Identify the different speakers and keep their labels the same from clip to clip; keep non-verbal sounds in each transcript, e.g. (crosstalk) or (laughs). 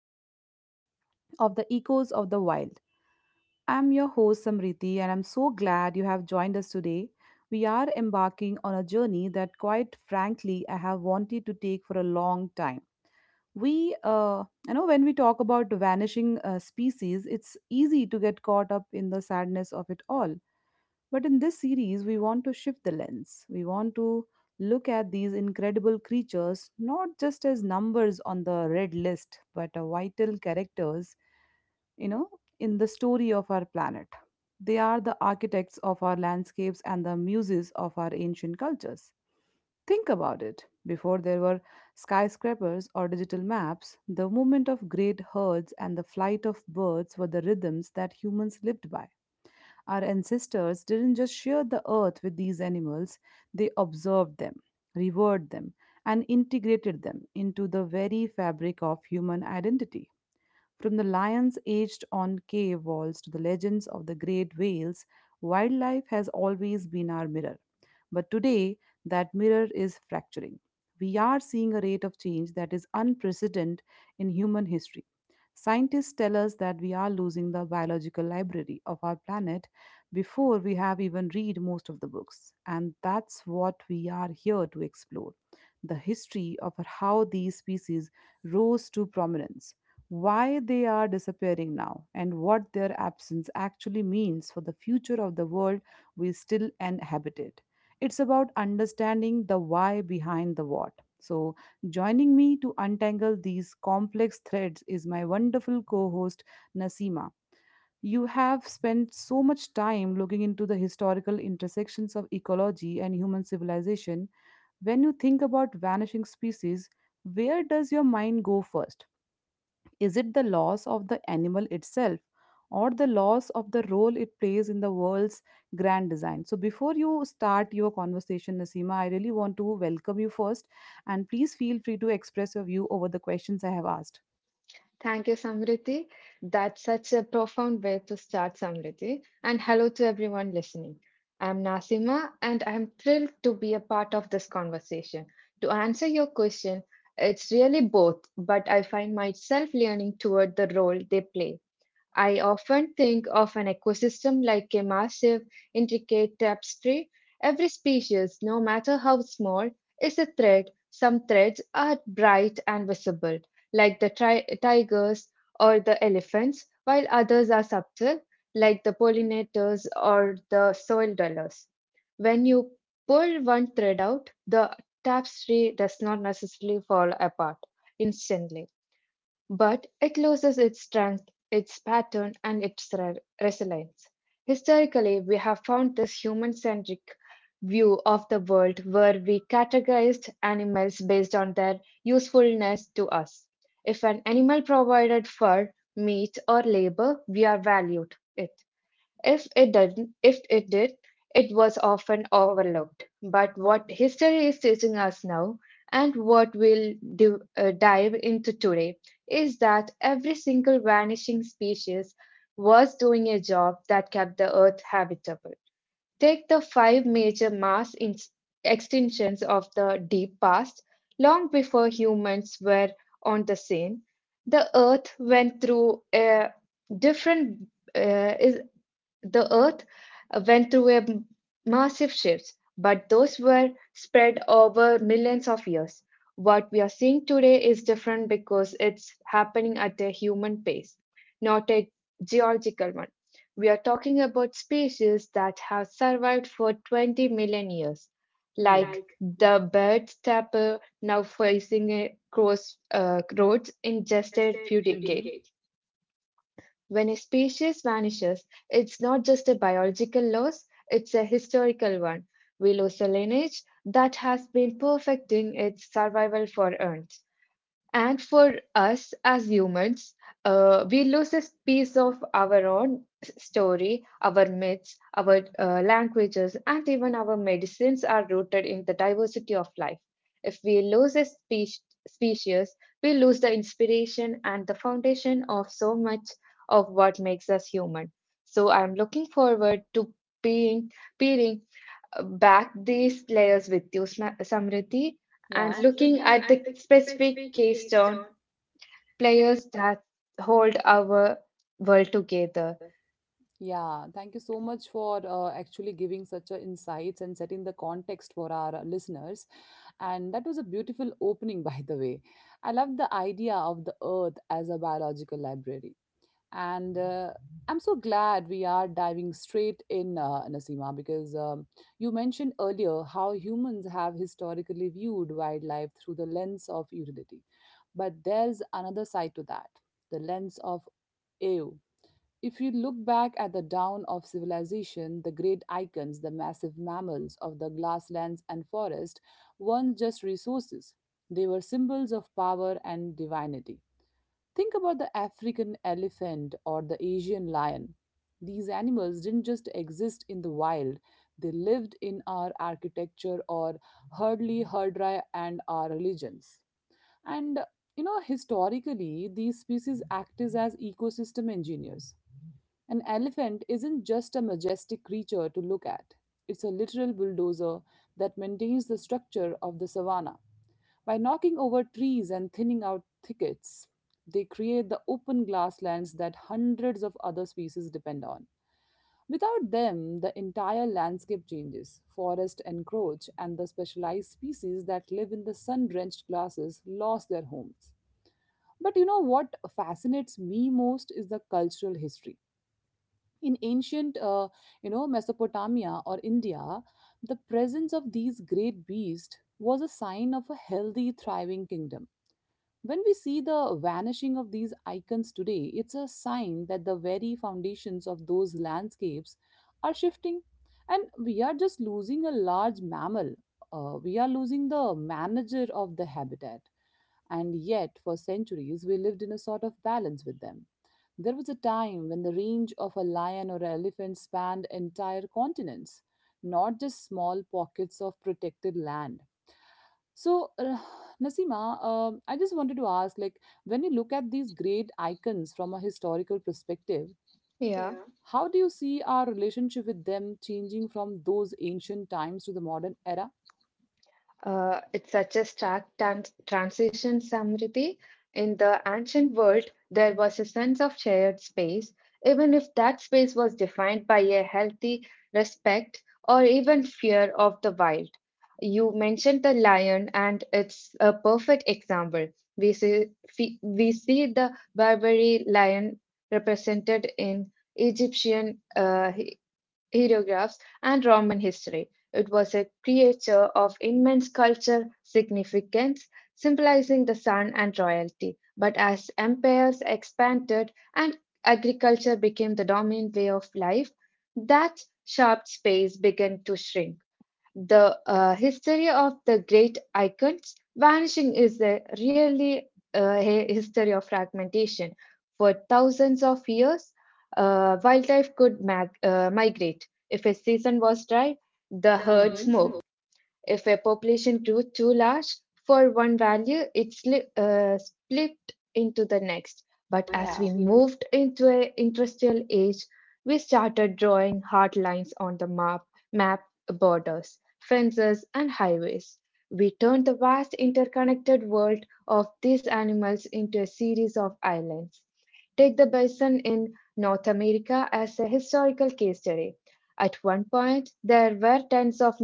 Speaker 1: episode of the Echoes of the Wild. I'm your host, Samriti, and I'm so glad you have joined us today. We are embarking on a journey that, quite frankly, I have wanted to take for a long time. When we talk about vanishing species, it's easy to get caught up in the sadness of it all. But in this series, we want to shift the lens. We want to look at these incredible creatures not just as numbers on the red list, but as vital characters, you know, in the story of our planet. They are the architects of our landscapes and the muses of our ancient cultures. Think about it. Before there were skyscrapers or digital maps, the movement of great herds and the flight of birds were the rhythms that humans lived by. Our ancestors didn't just share the earth with these animals, they observed them, revered them, and integrated them into the very fabric of human identity. From the lions aged on cave walls to the legends of the great whales, wildlife has always been our mirror. But today, that mirror is fracturing. We are seeing a rate of change that is unprecedented in human history. Scientists tell us that we are losing the biological library of our planet before we have even read most of the books. And that's what we are here to explore: the history of how these species rose to prominence, why they are disappearing now, and what their absence actually means for the future of the world we still inhabited. It's about understanding the why behind the what. So, joining me to untangle these complex threads is my wonderful co host, Nasima. You have spent so much time looking into the historical intersections of ecology and human civilization. When you think about vanishing species, where does your mind go first? Is it the loss of the animal itself or the loss of the role it plays in the world's grand design? So, before you start your conversation, Nasima, I really want to welcome you first, and please feel free to express your view over the questions I have asked.
Speaker 2: Thank you, Samriti. That's such a profound way to start, Samriti. And hello to everyone listening. I'm Nasima, and I'm thrilled to be a part of this conversation. To answer your question, it's really both, but I find myself leaning toward the role they play. I often think of an ecosystem like a massive, intricate tapestry. Every species, no matter how small, is a thread. Some threads are bright and visible, like the tigers or the elephants, while others are subtle, like the pollinators or the soil dwellers. When you pull one thread out, the tapestry does not necessarily fall apart instantly. But it loses its strength, its pattern, and its resilience. Historically, we have found this human centric view of the world where we categorized animals based on their usefulness to us. If an animal provided fur, meat, or labor, we are valued it. If it did, it was often overlooked. But what history is teaching us now, and what we'll do, dive into today, is that every single vanishing species was doing a job that kept the Earth habitable. Take the five major extinctions of the deep past, long before humans were on the scene. The Earth went through a different uh, is the Earth went through massive shifts, but those were spread over millions of years. What we are seeing today is different because it's happening at a human pace, not a geological one. We are talking about species that have survived for 20 million years,
Speaker 1: Hmm.
Speaker 2: like
Speaker 1: Like
Speaker 2: the bird tapir now facing a cross roads in just
Speaker 1: just
Speaker 2: a
Speaker 1: a
Speaker 2: few
Speaker 1: few hmm
Speaker 2: decades.
Speaker 1: decades.
Speaker 2: When a species vanishes, it's not just a biological loss, it's a historical one. We lose a lineage that has been perfecting its survival for eons. And for us as humans, we lose this piece of our own story, our myths, our languages, and even our medicines are rooted in the diversity of life. If we lose a species, we lose the inspiration and the foundation of so much of what makes us human. So I'm looking forward to being, peering back these layers with you, Samriddhi, and
Speaker 1: Yeah. And
Speaker 2: looking
Speaker 1: looking
Speaker 2: at
Speaker 1: at
Speaker 2: the
Speaker 1: the
Speaker 2: specific
Speaker 1: specific
Speaker 2: keystone
Speaker 1: keystone players.
Speaker 2: players that hold our world together.
Speaker 1: Yeah, thank you so much for actually giving such a insights and setting the context for our listeners. And that was a beautiful opening, (laughs) by the way. I love the idea of the earth as a biological library. And I'm so glad we are diving straight in, Nasima, because you mentioned earlier how humans have historically viewed wildlife through the lens of utility. But there's another side to that, the lens of awe. If you look back at the dawn of civilization, the great icons, the massive mammals of the grasslands and forest, weren't just resources, they were symbols of power and divinity. Think about the African elephant or the Asian lion. These animals didn't just exist in the wild, they lived in our architecture or hardly herdra and our religions. And you know, historically, these species acted as ecosystem engineers. An elephant isn't just a majestic creature to look at, it's a literal bulldozer that maintains the structure of the savanna. By knocking over trees and thinning out thickets, they create the open grasslands that hundreds of other species depend on. Without them, the entire landscape changes. Forests encroach, and the specialized species that live in the sun drenched grasses lost their homes. But you know what fascinates me most is the cultural history. In ancient, you know, Mesopotamia or India, the presence of these great beasts was a sign of a healthy, thriving kingdom. When we see the vanishing of these icons today, it's a sign that the very foundations of those landscapes are shifting, and we are just losing a large mammal. We are losing the manager of the habitat. And yet, for centuries, we lived in a sort of balance with them. There was a time when the range of a lion or elephant spanned entire continents, not just small pockets of protected land. So, Nasima, I just wanted to ask, like, when you look at these great icons from a historical perspective,
Speaker 2: Yeah.
Speaker 1: yeah, how do you see our relationship with them changing from those ancient times to the modern era?
Speaker 2: It's such a stark transition, Samriti. In the ancient world, there was a sense of shared space, even if that space was defined by a healthy respect or even fear of the wild. You mentioned the lion, and it's a perfect example. We see the Barbary lion represented in Egyptian hieroglyphs, and Roman history. It was a creature of immense cultural significance, symbolizing the sun and royalty. But as empires expanded and agriculture became the dominant way of life, that sharp space began to shrink. The history of the great icons vanishing is a really a history of fragmentation. For thousands of years, wildlife could migrate. If a season was dry, the
Speaker 1: The mm-hmm.
Speaker 2: herds
Speaker 1: Herds
Speaker 2: moved.
Speaker 1: moved,
Speaker 2: If a population grew too large for one value, it split into the next. But
Speaker 1: but
Speaker 2: as
Speaker 1: yeah,
Speaker 2: we
Speaker 1: as we move,
Speaker 2: moved into an industrial age, we started drawing hard lines on the map, map borders, fences, and highways. We turned the vast interconnected world of these animals into a series of islands. Take the bison in North America as a historical case study. At one point, there were tens of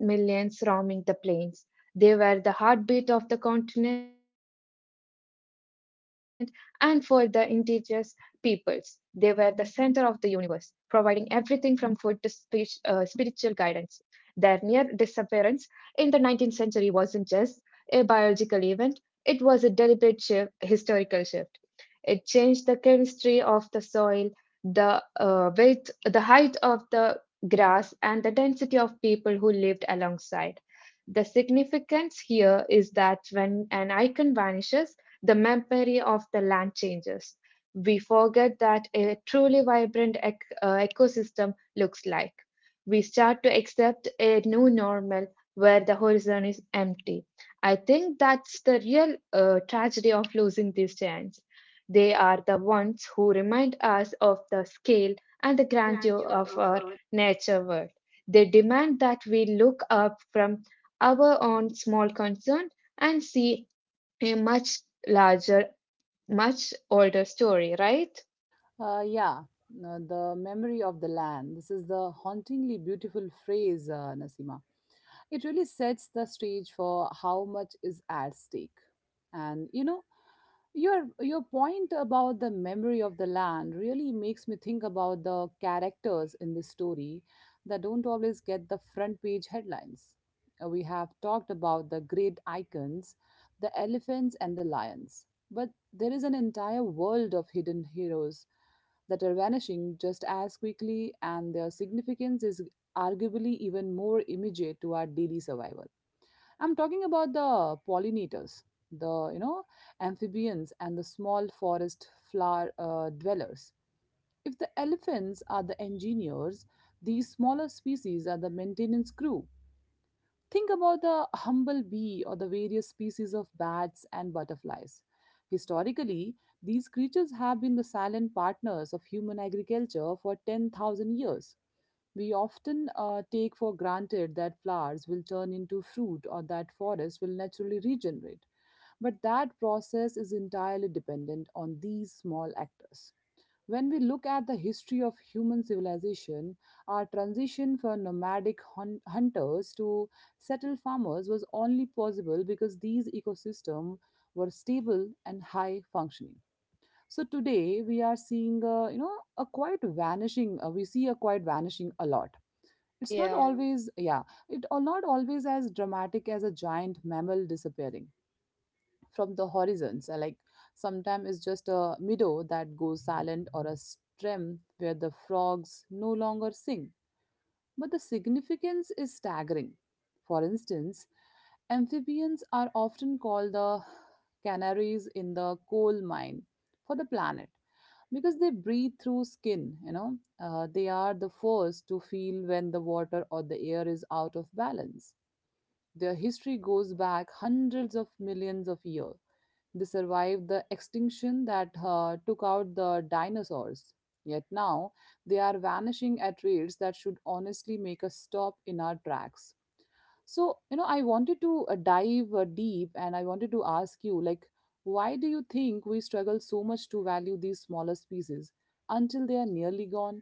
Speaker 2: millions roaming the plains. They were the heartbeat of the continent, and for the indigenous peoples, they were the center of the universe, providing everything from food to spiritual guidance. Their near disappearance in the 19th century wasn't just a biological event, it was a deliberate shift, historical shift. It changed the chemistry of the soil, the width, the height of the grass, and the density of people who lived alongside. The significance here is that when an icon vanishes, the memory of the land changes. We forget that a truly vibrant ecosystem looks like. We start to accept a new normal where the horizon is empty. I think that's the real tragedy of losing these giants. They are the ones who remind us of the scale and the
Speaker 1: and the
Speaker 2: grandeur
Speaker 1: grandeur
Speaker 2: of
Speaker 1: of
Speaker 2: our nature world. They demand that we look up from our own small concern and see a much larger, much older story, right?
Speaker 1: uh, yeah, the memory of the land. This is the hauntingly beautiful phrase, Nasima. It really sets the stage for how much is at stake. And you know, your point about the memory of the land really makes me think about the characters in this story that don't always get the front page headlines. We have talked about the great icons, the elephants and the lions, but there is an entire world of hidden heroes that are vanishing just as quickly, and their significance is arguably even more immediate to our daily survival. I'm talking about the pollinators, the amphibians, and the small forest flower dwellers. If the elephants are the engineers, these smaller species are the maintenance crew. Think about the humble bee or the various species of bats and butterflies. Historically, these creatures have been the silent partners of human agriculture for 10,000 years. We often take for granted that flowers will turn into fruit or that forests will naturally regenerate. But that process is entirely dependent on these small actors. When we look at the history of human civilization, our transition from nomadic hunters to settled farmers was only possible because these ecosystems were stable and high functioning. So today we are seeing, a quite vanishing. We see a quite vanishing a lot. It's not yeah,
Speaker 2: Yeah,
Speaker 1: always, yeah, it or not always as dramatic as a giant mammal disappearing from the horizons. Like sometimes it's just a meadow that goes silent or a stream where the frogs no longer sing. But the significance is staggering. For instance, amphibians are often called the canaries in the coal mine for the planet because they breathe through skin, you know. They are the first to feel when the water or the air is out of balance. Their history goes back hundreds of millions of years. They survived the extinction that took out the dinosaurs. Yet now, they are vanishing at rates that should honestly make us stop in our tracks. So, you know, I wanted to dive deep, and I wanted to ask you, like, why do you think we struggle so much to value these smaller species until they are nearly gone?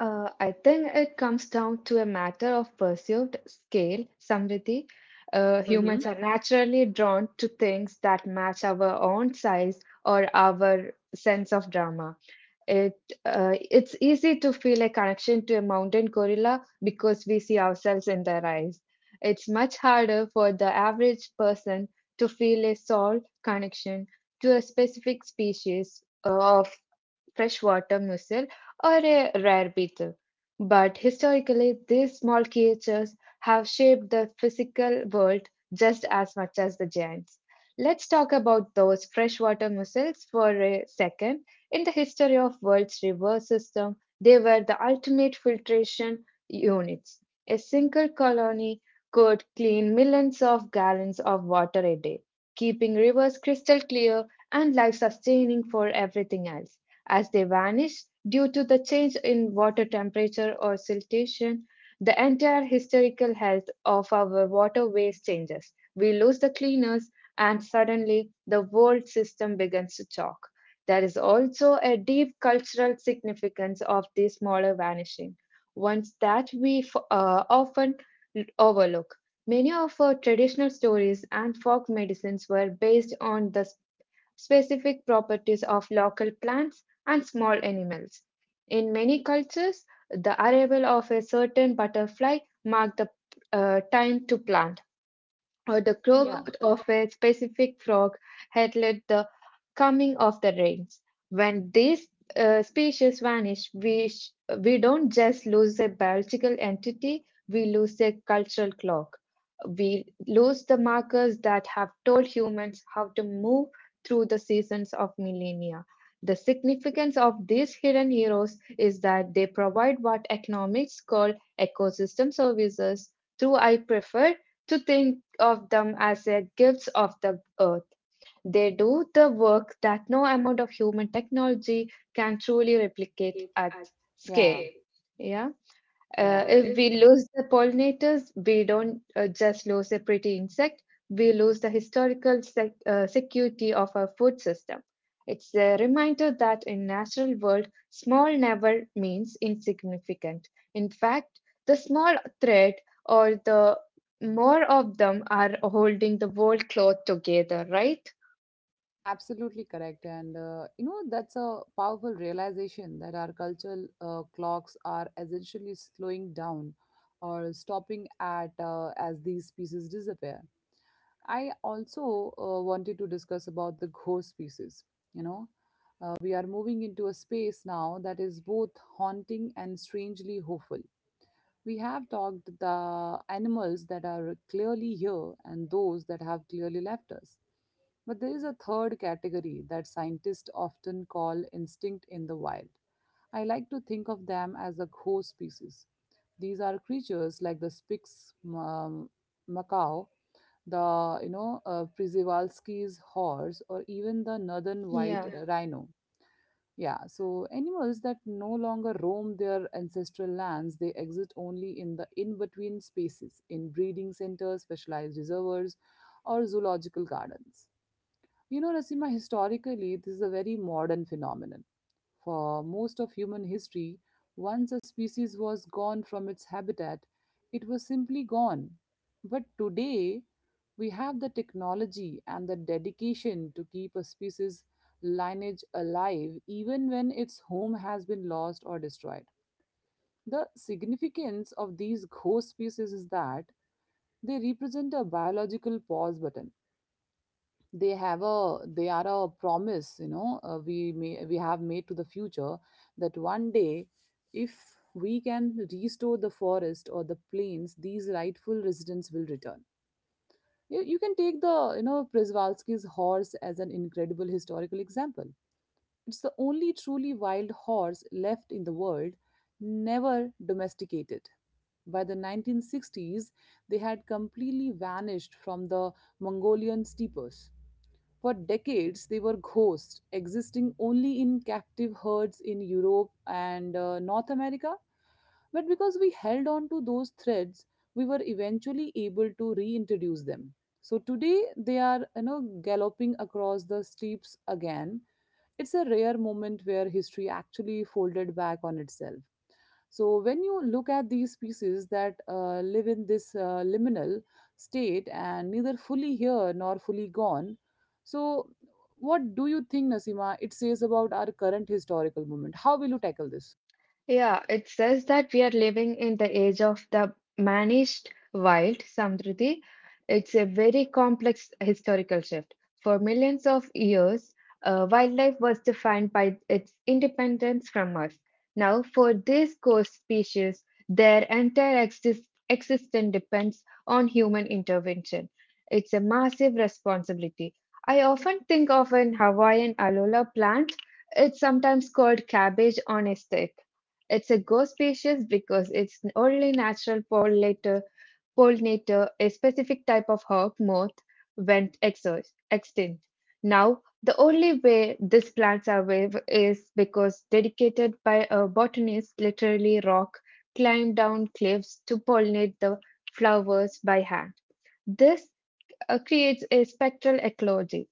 Speaker 2: uh, I think it comes down to a matter of perceived scale, Samriddhi. Uh,
Speaker 1: If hmm
Speaker 2: humans
Speaker 1: my
Speaker 2: are naturally drawn to things that match our own size or our sense of drama. It it's easy to feel a connection to a mountain gorilla because we see ourselves in their eyes. It's much harder for the average person to feel a soul connection to a specific species of freshwater mussel or a rare beetle. But historically, these small creatures have shaped the physical world just as much as the giants. Let's talk about those freshwater mussels for a second. In the history of world's river system, they were the ultimate filtration units. A single colony could clean millions of gallons of water a day, keeping rivers crystal clear and life sustaining for everything else. As they vanish due to the change in water temperature or siltation, the entire historical health of our waterways changes. We lose the cleaners, and suddenly the world system begins to choke. There is also a deep cultural significance of this smaller vanishing, ones that we often overlook. Many of our traditional stories and folk medicines were based on the specific properties of local plants and small animals. In many cultures, the arrival of a certain butterfly marked the time to plant, or the
Speaker 1: the
Speaker 2: croak
Speaker 1: yeah, clock
Speaker 2: of a specific frog heralded the coming of the rains. When these species vanish, we don't just lose a biological entity, we lose a cultural clock. We lose the markers that have told humans how to move through the seasons of millennia. The significance of these hidden heroes is that they provide what economics call ecosystem services, though I prefer to think of them as a gifts of the earth. They do the work that no amount of human technology can truly replicate
Speaker 1: replicates
Speaker 2: at
Speaker 1: at yeah,
Speaker 2: scale.
Speaker 1: scale,
Speaker 2: Yeah.
Speaker 1: yeah,
Speaker 2: If
Speaker 1: uh,
Speaker 2: we lose the pollinators, we don't just lose a pretty insect, we lose the historical security of our food system. It's a reminder that in natural world, small never means insignificant. In fact, the small thread or the more of them are holding the world cloth together, right?
Speaker 1: absolutely correct. And, you know, that's a powerful realization that our cultural clocks are essentially slowing down or stopping at as these pieces disappear. I also wanted to discuss about the ghost pieces. You know, we are moving into a space now that is both haunting and strangely hopeful. We have talked the animals that are clearly here and those that have clearly left us. But there is a third category that scientists often call instinct in the wild. I like to think of them as a host species. These are creatures like the Spix macaw, the Przewalski's horse, or even the northern white
Speaker 2: Yeah.
Speaker 1: yeah, rhino. Yeah, so animals that no longer roam their ancestral lands, they exist only in the in-between spaces, in breeding centers, specialized reservoirs, or zoological gardens. You know, Nasima, historically, this is a very modern phenomenon. For most of human history, once a species was gone from its habitat, it was simply gone. But today, we have the technology and the dedication to keep a species lineage alive even when its home has been lost or destroyed. The significance of these ghost species is that they represent a biological pause button. They are a promise, you know, we have made to the future that one day, if we can restore the forest or the plains, these rightful residents will return. You can take the you know Przewalski's horse as an incredible historical example. It's the only truly wild horse left in the world, never domesticated. By the 1960s, they had completely vanished from the Mongolian steppes. For decades, they were ghosts, existing only in captive herds in Europe and North America. But because we held on to those threads, we were eventually able to reintroduce them. So today, they are you know, galloping across the steeps again. It's a rare moment where history actually folded back on itself. So when you look at these species that live in this liminal state and neither fully here nor fully gone, so what do you think, Nasima? It says about our current historical moment. How will you tackle this?
Speaker 2: Yeah, it says that we are living in the age of the managed wild, Samruddhi. It's a very complex historical shift. For millions of years, wildlife was defined by its independence from us. Now, for these ghost species, their entire existence depends on human intervention. It's a massive responsibility. I often think of an Hawaiian alola plant. It's sometimes called cabbage on a stick. It's a ghost species because it's only natural pollinator, a specific type of hawk moth, went extinct. Now, the only way these plants are wave is because dedicated by a botanist literally rock climbed down cliffs to pollinate the flowers by hand. This creates a spectral ecology.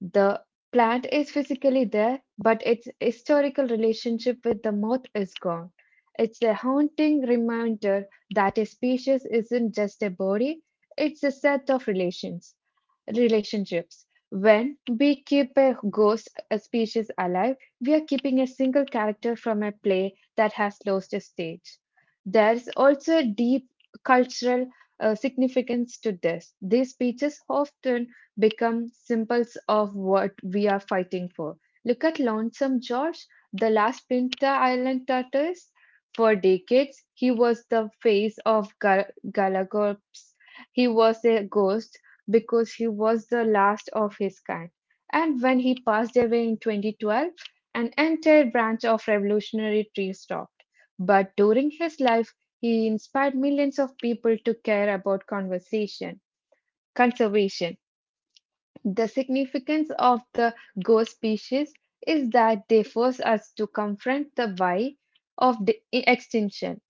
Speaker 2: The plant is physically there, but its historical relationship with the moth is gone. It's a haunting reminder that a species isn't just a body, it's a set of relationships. When we keep a ghost a species alive, we are keeping a single character from a play that has lost its stage. There is also a deep cultural significance to this. These speeches often become symbols of what we are fighting for. Look at Lonesome George, the last Pinta Island tortoise. For decades, he was the face of Galapagos. He was a ghost because he was the last of his kind. And when he passed away in 2012, an entire branch of revolutionary tree stopped. But during his life, he inspired millions of people to care about conservation. The significance of the ghost species is that they force us to confront the why of the extinction.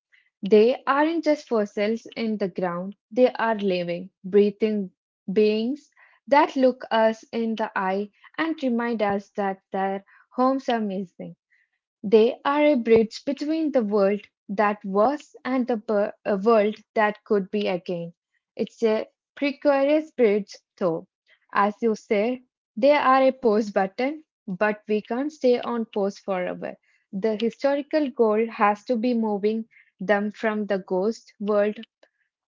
Speaker 2: They aren't just fossils in the ground, they are living, breathing beings that look us in the eye and remind us that their homes are missing. They are a bridge between the world that was and the a world that could be again. It's a precarious bridge, though. As you say, they are a pause button, but we can't stay on pause forever. The historical goal has to be moving them from the ghost world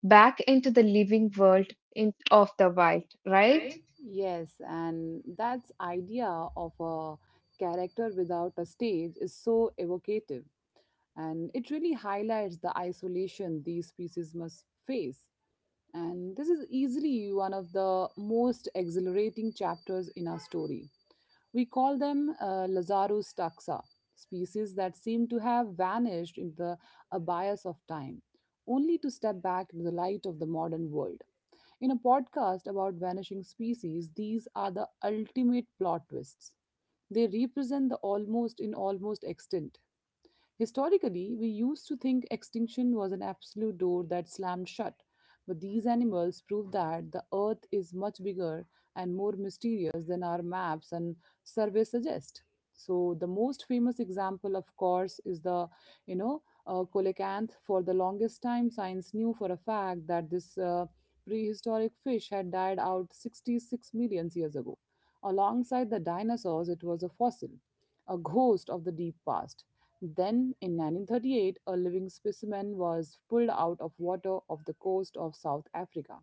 Speaker 2: back into the living world in, of the wild, right?
Speaker 1: Right? Yes, and that's idea of a character without a stage is so evocative, and it really highlights the isolation these species must face. And this is easily one of the most exhilarating chapters in our story. We call them Lazarus taxa, species that seem to have vanished in the abyss of time, only to step back into the light of the modern world. In a podcast about vanishing species, these are the ultimate plot twists. They represent the almost extinct. Historically, we used to think extinction was an absolute door that slammed shut, but these animals prove that the earth is much bigger and more mysterious than our maps and surveys suggest. So the most famous example, of course, is the, you know, coelacanth. For the longest time, science knew for a fact that this prehistoric fish had died out 66 million years ago. Alongside the dinosaurs, it was a fossil, a ghost of the deep past. Then, in 1938, a living specimen was pulled out of water off the coast of South Africa.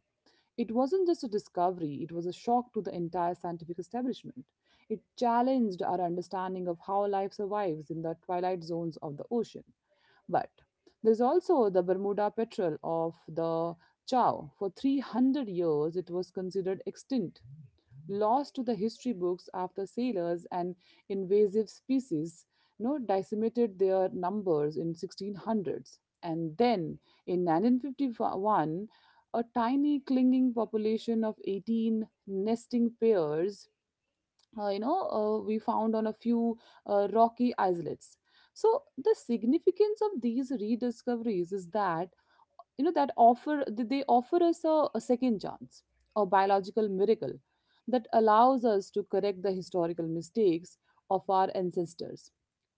Speaker 1: It wasn't just a discovery, it was a shock to the entire scientific establishment. It challenged our understanding of how life survives in the twilight zones of the ocean. But there's also the Bermuda petrel of the Chow. For 300 years, it was considered extinct, lost to the history books after sailors and invasive species decimated their numbers in 1600s. And then in 1951, a tiny clinging population of 18 nesting pairs we found on a few rocky islets. So the significance of these rediscoveries is that that they offer us a second chance, a biological miracle that allows us to correct the historical mistakes of our ancestors.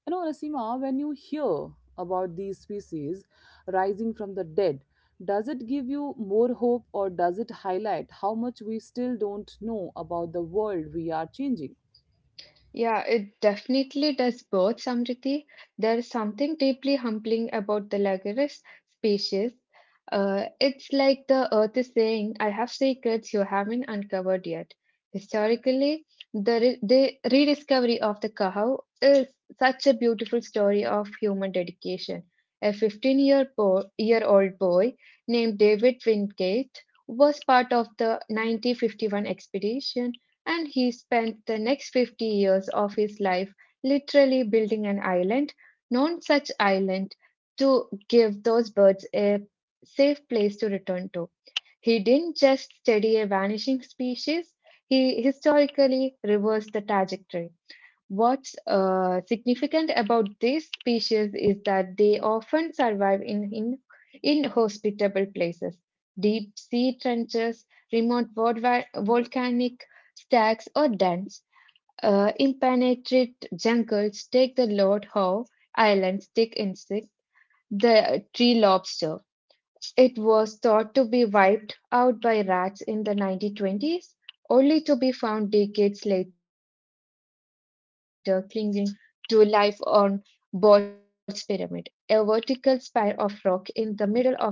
Speaker 1: You know, Rasima, when you hear about these species rising from the dead, does it give you more hope or does it highlight how much we still don't know about the world we are changing?
Speaker 2: Yeah, it definitely does both, Samriti. There is something deeply humbling about the Laguerre species. It's like the earth is saying, I have secrets you haven't uncovered yet. Historically, the rediscovery of the cow is such a beautiful story of human dedication. A 15-year bo year old boy named David Wingate was part of the 1951 expedition, and he spent the next 50 years of his life literally building an island, known such island, to give those birds a safe place to return to. He didn't just study a vanishing species, he historically reversed the trajectory. What's significant about this species is that they often survive in inhospitable places: deep sea trenches, remote volcanic stacks, or dens. Impenetrate jungles take the Lord Howe Islands stick insect, the tree lobster. It was thought to be wiped out by rats in the 1920s, only to be found decades later clinging to life on Ball's Pyramid, a vertical spire of rock in the middle of an ocean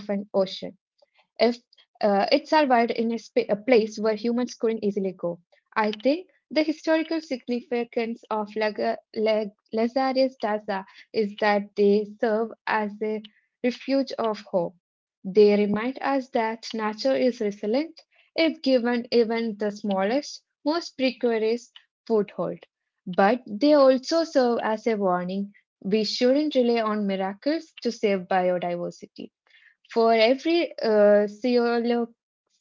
Speaker 2: if it survived in a place where humans couldn't easily go. I think the historical significance of Lazarus Taza is that they serve as a refuge of hope. They remind us that nature is resilient if given even the smallest, most precarious foothold. But they also serve as a warning: we shouldn't rely on miracles to save biodiversity. For every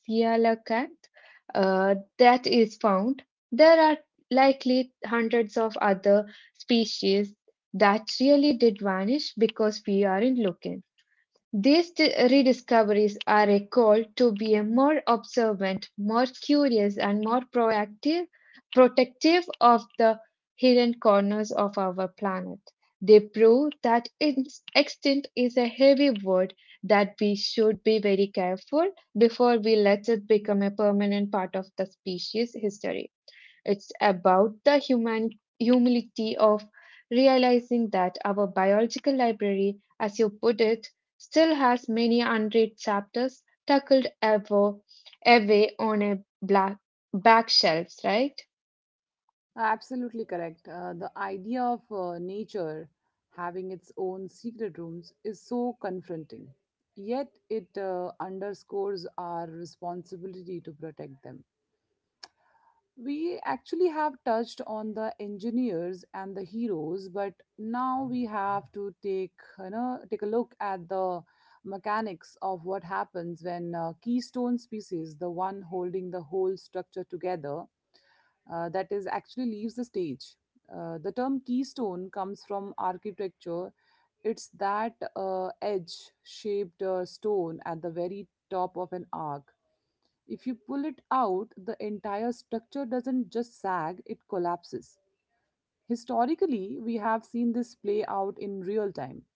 Speaker 2: coelacanth that is found, there are likely hundreds of other species that really did vanish because we aren't looking. These rediscoveries are a call to be a more observant, more curious, and more proactive, protective of the hidden corners of our planet. They prove that its extinct is a heavy word, that we should be very careful before we let it become a permanent part of the species history. It's about the human humility of realizing that our biological library, as you put it, still has many unread chapters tucked ever away on a black back shelves, right?
Speaker 1: Absolutely correct. The idea of nature having its own secret rooms is so confronting. Yet it underscores our responsibility to protect them. We actually have touched on the engineers and the heroes, but now we have to take take a look at the mechanics of what happens when keystone species, the one holding the whole structure together, that is actually leaves the stage. The term keystone comes from architecture. It's that edge shaped stone at the very top of an arc. If you pull it out, the entire structure doesn't just sag, it collapses. Historically, we have seen this play out in real time,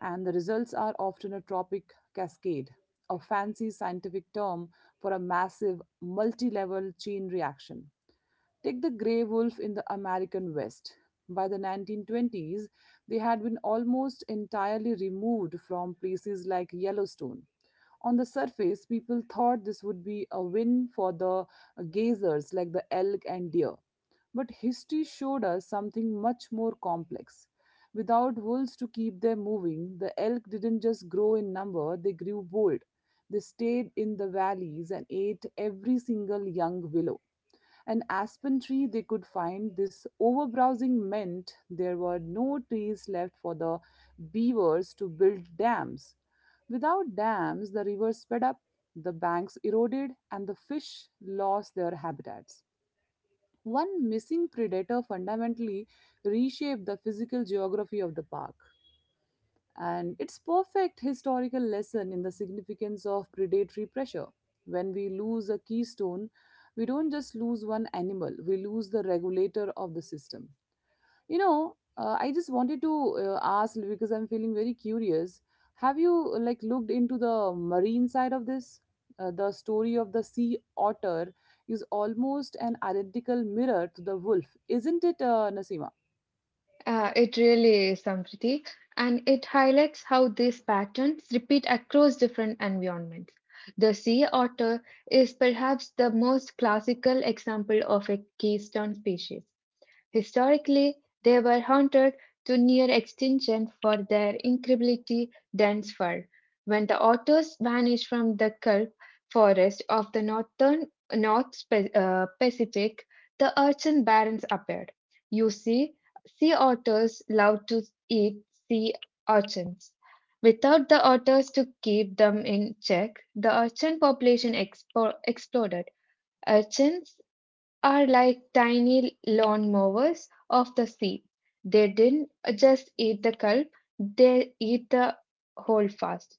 Speaker 1: and the results are often a tropic cascade, a fancy scientific term for a massive multi level chain reaction. Take the gray wolf in the American West. By the 1920s, they had been almost entirely removed from places like Yellowstone. On the surface, people thought this would be a win for the gazers like the elk and deer. But history showed us something much more complex. Without wolves to keep them moving, the elk didn't just grow in number, they grew bold. They stayed in the valleys and ate every single young willow. An aspen tree they could find. This overbrowsing meant there were no trees left for the beavers to build dams. Without dams, the river sped up, the banks eroded, and the fish lost their habitats. One missing predator fundamentally reshaped the physical geography of the park, and it's perfect historical lesson in the significance of predatory pressure. When we lose a keystone, we don't just lose one animal, we lose the regulator of the system. I just wanted to ask because I'm feeling very curious. Have you looked into the marine side of this? The story of the sea otter is almost an identical mirror to the wolf, isn't it, Nasima?
Speaker 2: It really is, Sampriti, and it highlights how these patterns repeat across different environments. The sea otter is perhaps the most classical example of a keystone species. Historically, they were hunted to near extinction for their incredibly dense fur. When the otters vanished from the kelp forest of the northern Pacific, the urchin barrens appeared. You see, sea otters love to eat sea urchins. Without the otters to keep them in check, the urchin population exploded. Urchins are like tiny lawnmowers of the sea. They didn't just eat the kelp, they eat the whole holdfast,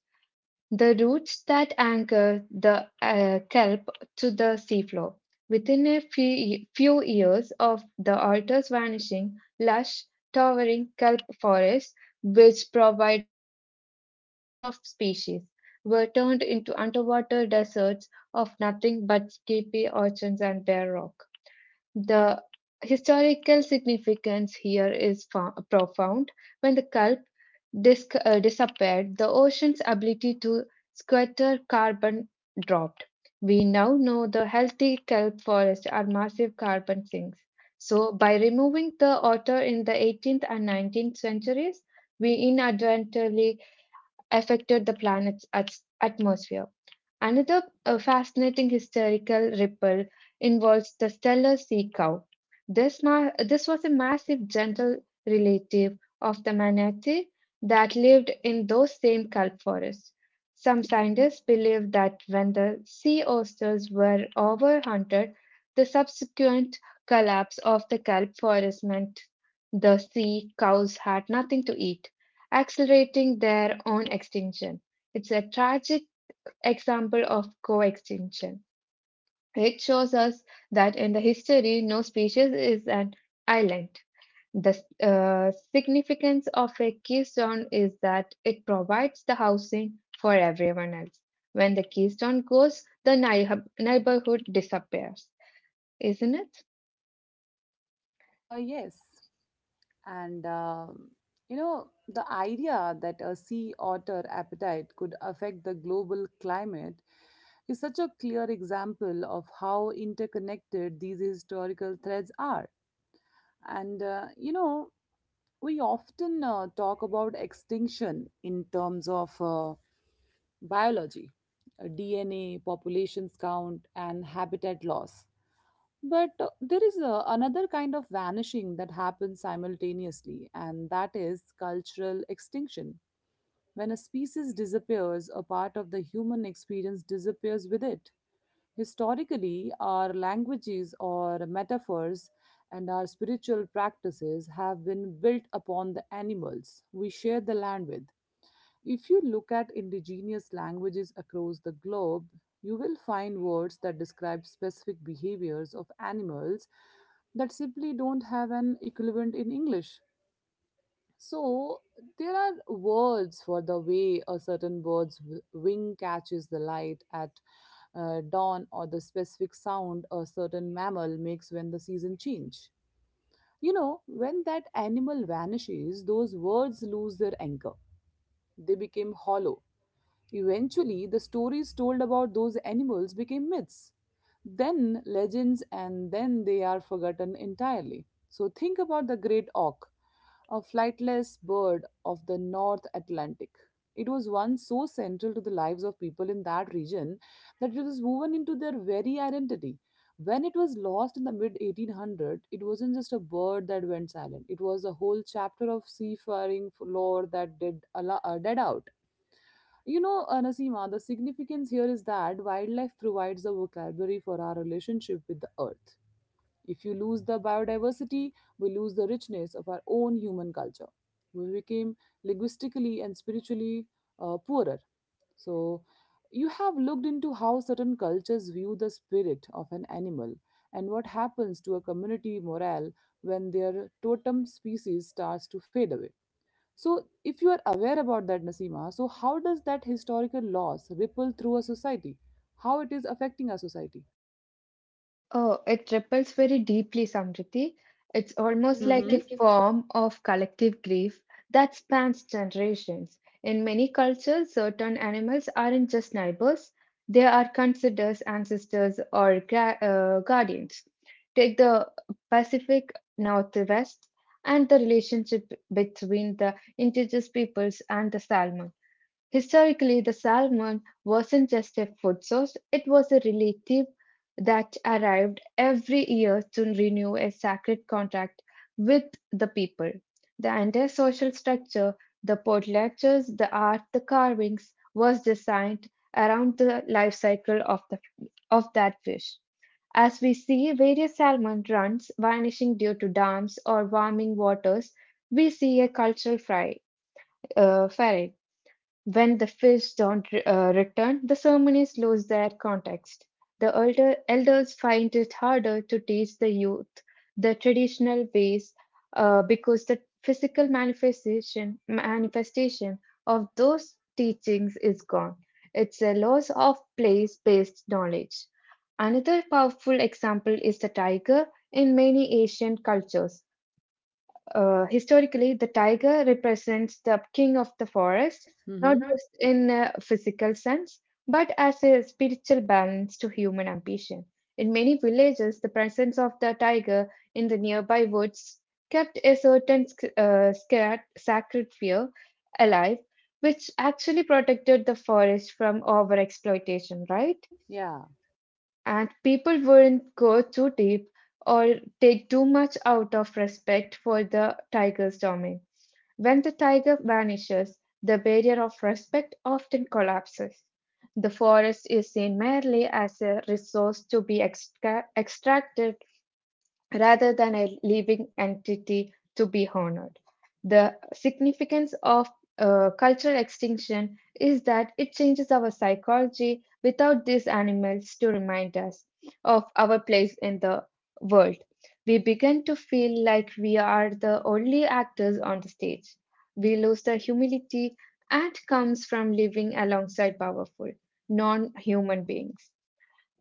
Speaker 2: the roots that anchor the kelp to the seafloor. Within a few years of the altars vanishing, lush, towering kelp forests, which provide homes for hundreds of species, were turned into underwater deserts of nothing but skippy orchards and bare rock. The historical significance here is profound. When the kelp disappeared, the ocean's ability to scatter carbon dropped. We now know the healthy kelp forests are massive carbon sinks. So, by removing the otter in the 18th and 19th centuries, we inadvertently affected the planet's atmosphere. Another fascinating historical ripple involves the stellar sea cow. This was a massive gentle relative of the manatee that lived in those same kelp forests. Some scientists believe that when the sea oysters were overhunted, the subsequent collapse of the kelp forest meant the sea cows had nothing to eat, accelerating their own extinction. It's a tragic example of co-extinction. It shows us that in the history, no species is an island. The significance of a keystone is that it provides the housing for everyone else. When the keystone goes, the neighborhood disappears, isn't it?
Speaker 1: Yes. And you know, the idea that a sea otter appetite could affect the global climate is such a clear example of how interconnected these historical threads are. And we often talk about extinction in terms of biology, DNA, populations count, and habitat loss. But there is another kind of vanishing that happens simultaneously, and that is cultural extinction. When a species disappears, a part of the human experience disappears with it. Historically, our languages or metaphors and our spiritual practices have been built upon the animals we share the land with. If you look at indigenous languages across the globe, you will find words that describe specific behaviors of animals that simply don't have an equivalent in English. So, there are words for the way a certain wing catches the light at dawn or the specific sound a certain mammal makes when the season change. You know, when that animal vanishes, those words lose their anchor. They become hollow. Eventually, the stories told about those animals became myths, then legends, and then they are forgotten entirely. So, think about the great auk, a flightless bird of the North Atlantic. It was once so central to the lives of people in that region that it was woven into their very identity. When it was lost in the mid 1800s, it wasn't just a bird that went silent. It was a whole chapter of seafaring lore that did a dead out. You know, Nasima, the significance here is that wildlife provides a vocabulary for our relationship with the earth. If you lose the biodiversity, we lose the richness of our own human culture. We became linguistically and spiritually poorer. So, you have looked into how certain cultures view the spirit of an animal and what happens to a community morale when their totem species starts to fade away. So, if you are aware about that, Nasima, so how does that historical loss ripple through a society? How it is affecting our society?
Speaker 2: Oh, it ripples very deeply, Samriti. It's almost
Speaker 1: Almost, hmm,
Speaker 2: like a
Speaker 1: like a
Speaker 2: form of collective grief that spans generations. In many cultures, certain animals aren't just neighbors, they are considered ancestors or guardians. Take the Pacific Northwest and the relationship between the indigenous peoples and the salmon. Historically, the salmon wasn't just a food source, it was a relative that arrived every year to renew a sacred contract with the people. The entire social structure, the potlatches, the art, the carvings, was designed around the life cycle of that fish. As we see various salmon runs vanishing due to dams or warming waters, we see a cultural fry, uh, when the fish don't return, the ceremonies lose their context. Elders find it harder to teach the youth the traditional ways because the physical manifestation of those teachings is gone. It's a loss of place based knowledge. Another powerful example is the tiger in many Asian cultures. Historically, the tiger represents the king of the forest,
Speaker 1: forest,
Speaker 2: not
Speaker 1: hmm, not
Speaker 2: just in a physical sense, but as a spiritual balance to human ambition. In many villages, the presence of the tiger in the nearby woods kept a certain sacred fear alive, which actually protected the forest from overexploitation, right?
Speaker 1: right? Yeah.
Speaker 2: And people wouldn't go too deep or take too much out of respect for the tiger's domain. When the tiger vanishes, the barrier of respect often collapses. The forest is seen merely as a resource to be extracted rather than a living entity to be honored. The significance of cultural extinction is that it changes our psychology without these animals to remind us of our place in the world. We begin to feel like we are the only actors on the stage. We lose the humility and comes from living alongside powerful, non human beings.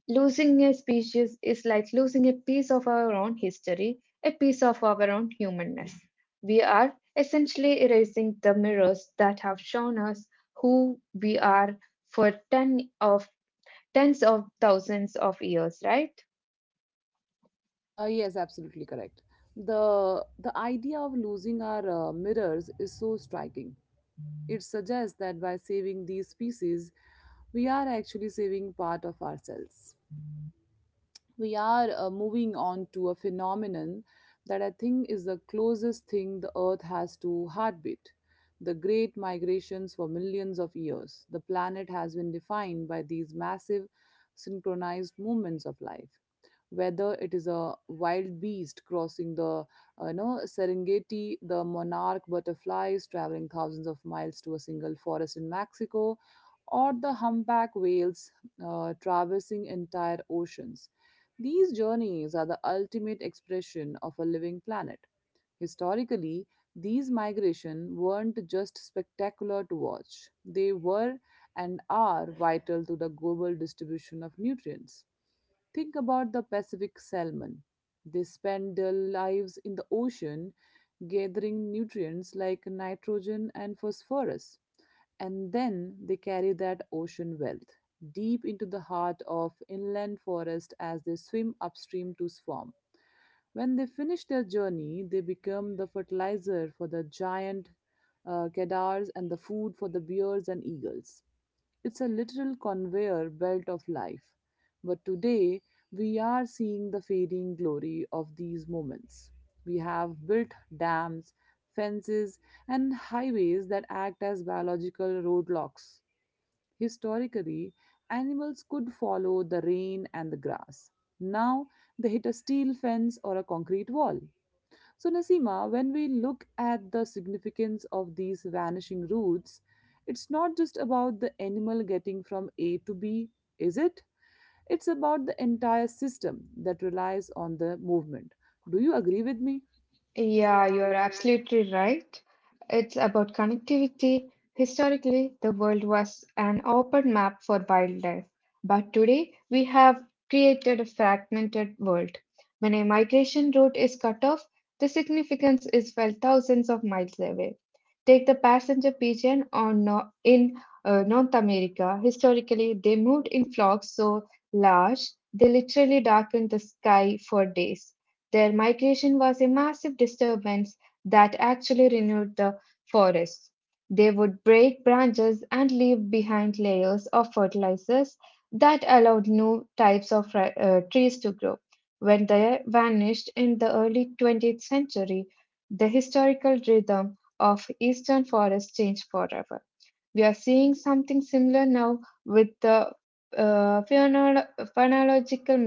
Speaker 2: Losing a species is like losing a piece of our own history, a piece of our own humanness. We are essentially erasing the mirrors that have shown us who we are for tens of thousands of years, right?
Speaker 1: Yes, absolutely correct. The idea of losing our mirrors is so striking. It suggests that by saving these species, we are actually saving part of ourselves. We are moving on to a phenomenon that I think is the closest thing the earth has to heartbeat. The great migrations for millions of years. The planet has been defined by these massive synchronized movements of life, whether it is a wild beast crossing the Serengeti, the monarch butterflies traveling thousands of miles to a single forest in Mexico, or the humpback whales traversing entire oceans. These journeys are the ultimate expression of a living planet. Historically, these migrations weren't just spectacular to watch, they were and are vital to the global distribution of nutrients. Think about the Pacific salmon. They spend their lives in the ocean gathering nutrients like nitrogen and phosphorus, and then they carry that ocean wealth deep into the heart of inland forest as they swim upstream to swarm. When they finish their journey, they become the fertilizer for the giant cadars and the food for the bears and eagles. It's a literal conveyor belt of life. But today, we are seeing the fading glory of these moments. We have built dams, fences, and highways that act as biological roadblocks. Historically, animals could follow the rain and the grass. Now, they hit a steel fence or a concrete wall. So, Nasima, when we look at the significance of these vanishing routes, it's not just about the animal getting from A to B, is it? It's about the entire system that relies on the movement. Do you agree with me?
Speaker 2: Yeah,
Speaker 1: Yeah,
Speaker 2: you're
Speaker 1: you're
Speaker 2: absolutely right. It's about connectivity. Historically, the world was an open map for wildlife, but today we have created a fragmented world. When a migration route is cut off, the significance is felt thousands of miles away. Take the passenger pigeon on no- in North America. Historically, they moved in flocks so large they literally darkened the sky for days. Their migration was a massive disturbance that actually renewed the forests. They would break branches and leave behind layers of fertilizers that allowed new types of trees to grow. When they vanished in the early 20th century, the historical rhythm of eastern forests changed forever. We are seeing something similar now with the uh, phonolo- phonological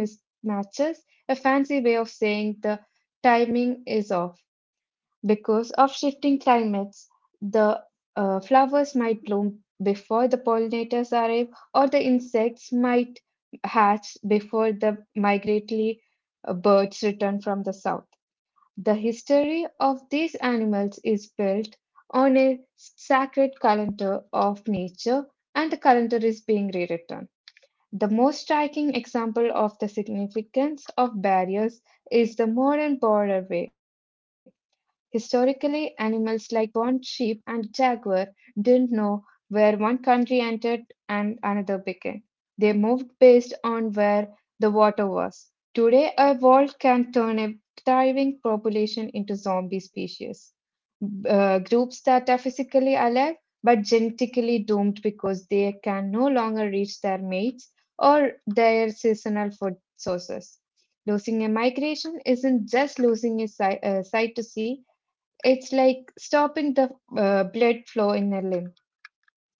Speaker 2: mismatches, a fancy way of saying the timing is off. Because of shifting climates, the flowers might bloom before the pollinators arrive, or the insects might hatch before the migratory birds return from the south. The history of these animals is built on a sacred calendar of nature, and the calendar is being rewritten. The most striking example of the significance of barriers is the modern borderway. Historically, animals like Bond sheep and jaguar didn't know where one country entered and another began. They moved based on where the water was. Today, a vault can turn a thriving population into zombie species, groups that are physically alive but genetically doomed because they can no longer reach their mates or their seasonal food sources. Losing a migration isn't just losing a sight to see, it's like stopping the blood flow in a limb.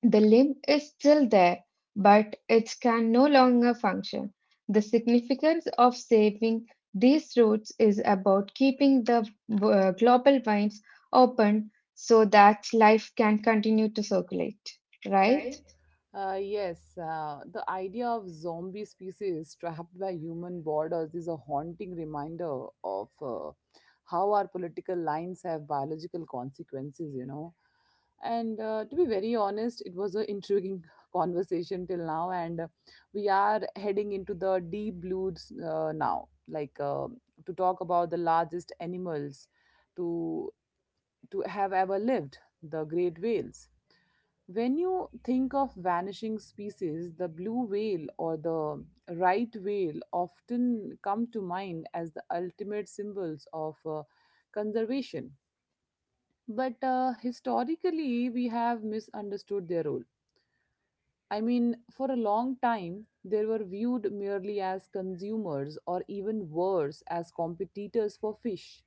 Speaker 2: The limb is still there, but it can no longer function. The significance of saving these routes is about keeping the global veins open so that life can continue to circulate, right?
Speaker 1: right? Yes, the idea of zombie species trapped by human borders is a haunting reminder of how our political lines have biological consequences, you know. And to be very honest, it was an intriguing (laughs) conversation till now, and we are heading into the deep blues now, like to talk about the largest animals to to have ever lived, the great whales. When you think of vanishing species, the blue whale or the right whale often come to mind as the ultimate symbols of conservation. But historically, we have misunderstood their role. I mean, for a long time, they were viewed merely as consumers or even worse, as competitors for fish.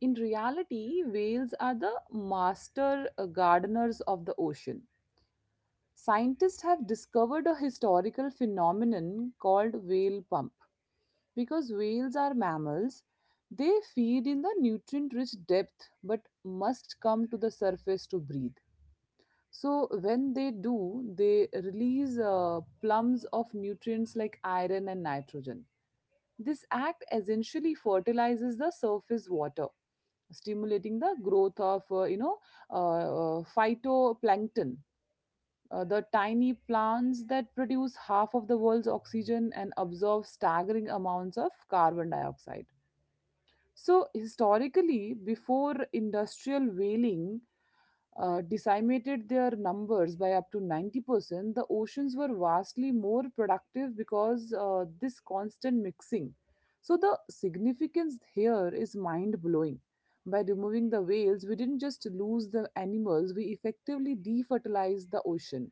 Speaker 1: In reality, whales are the master gardeners of the ocean. Scientists have discovered a historical phenomenon called whale pump. Because whales are mammals, they feed in the nutrient rich depth but must come to the surface to breathe. So, when they do, they release plums of nutrients like iron and nitrogen. This act essentially fertilizes the surface water, stimulating the growth of uh, phytoplankton, the tiny plants that produce half of the world's oxygen and absorb staggering amounts of carbon dioxide. So, historically, before industrial whaling decimated their numbers by up to 90%, the oceans were vastly more productive because this constant mixing. So, the significance here is mind blowing. By removing the whales, we didn't just lose the animals, we effectively defertilized the ocean.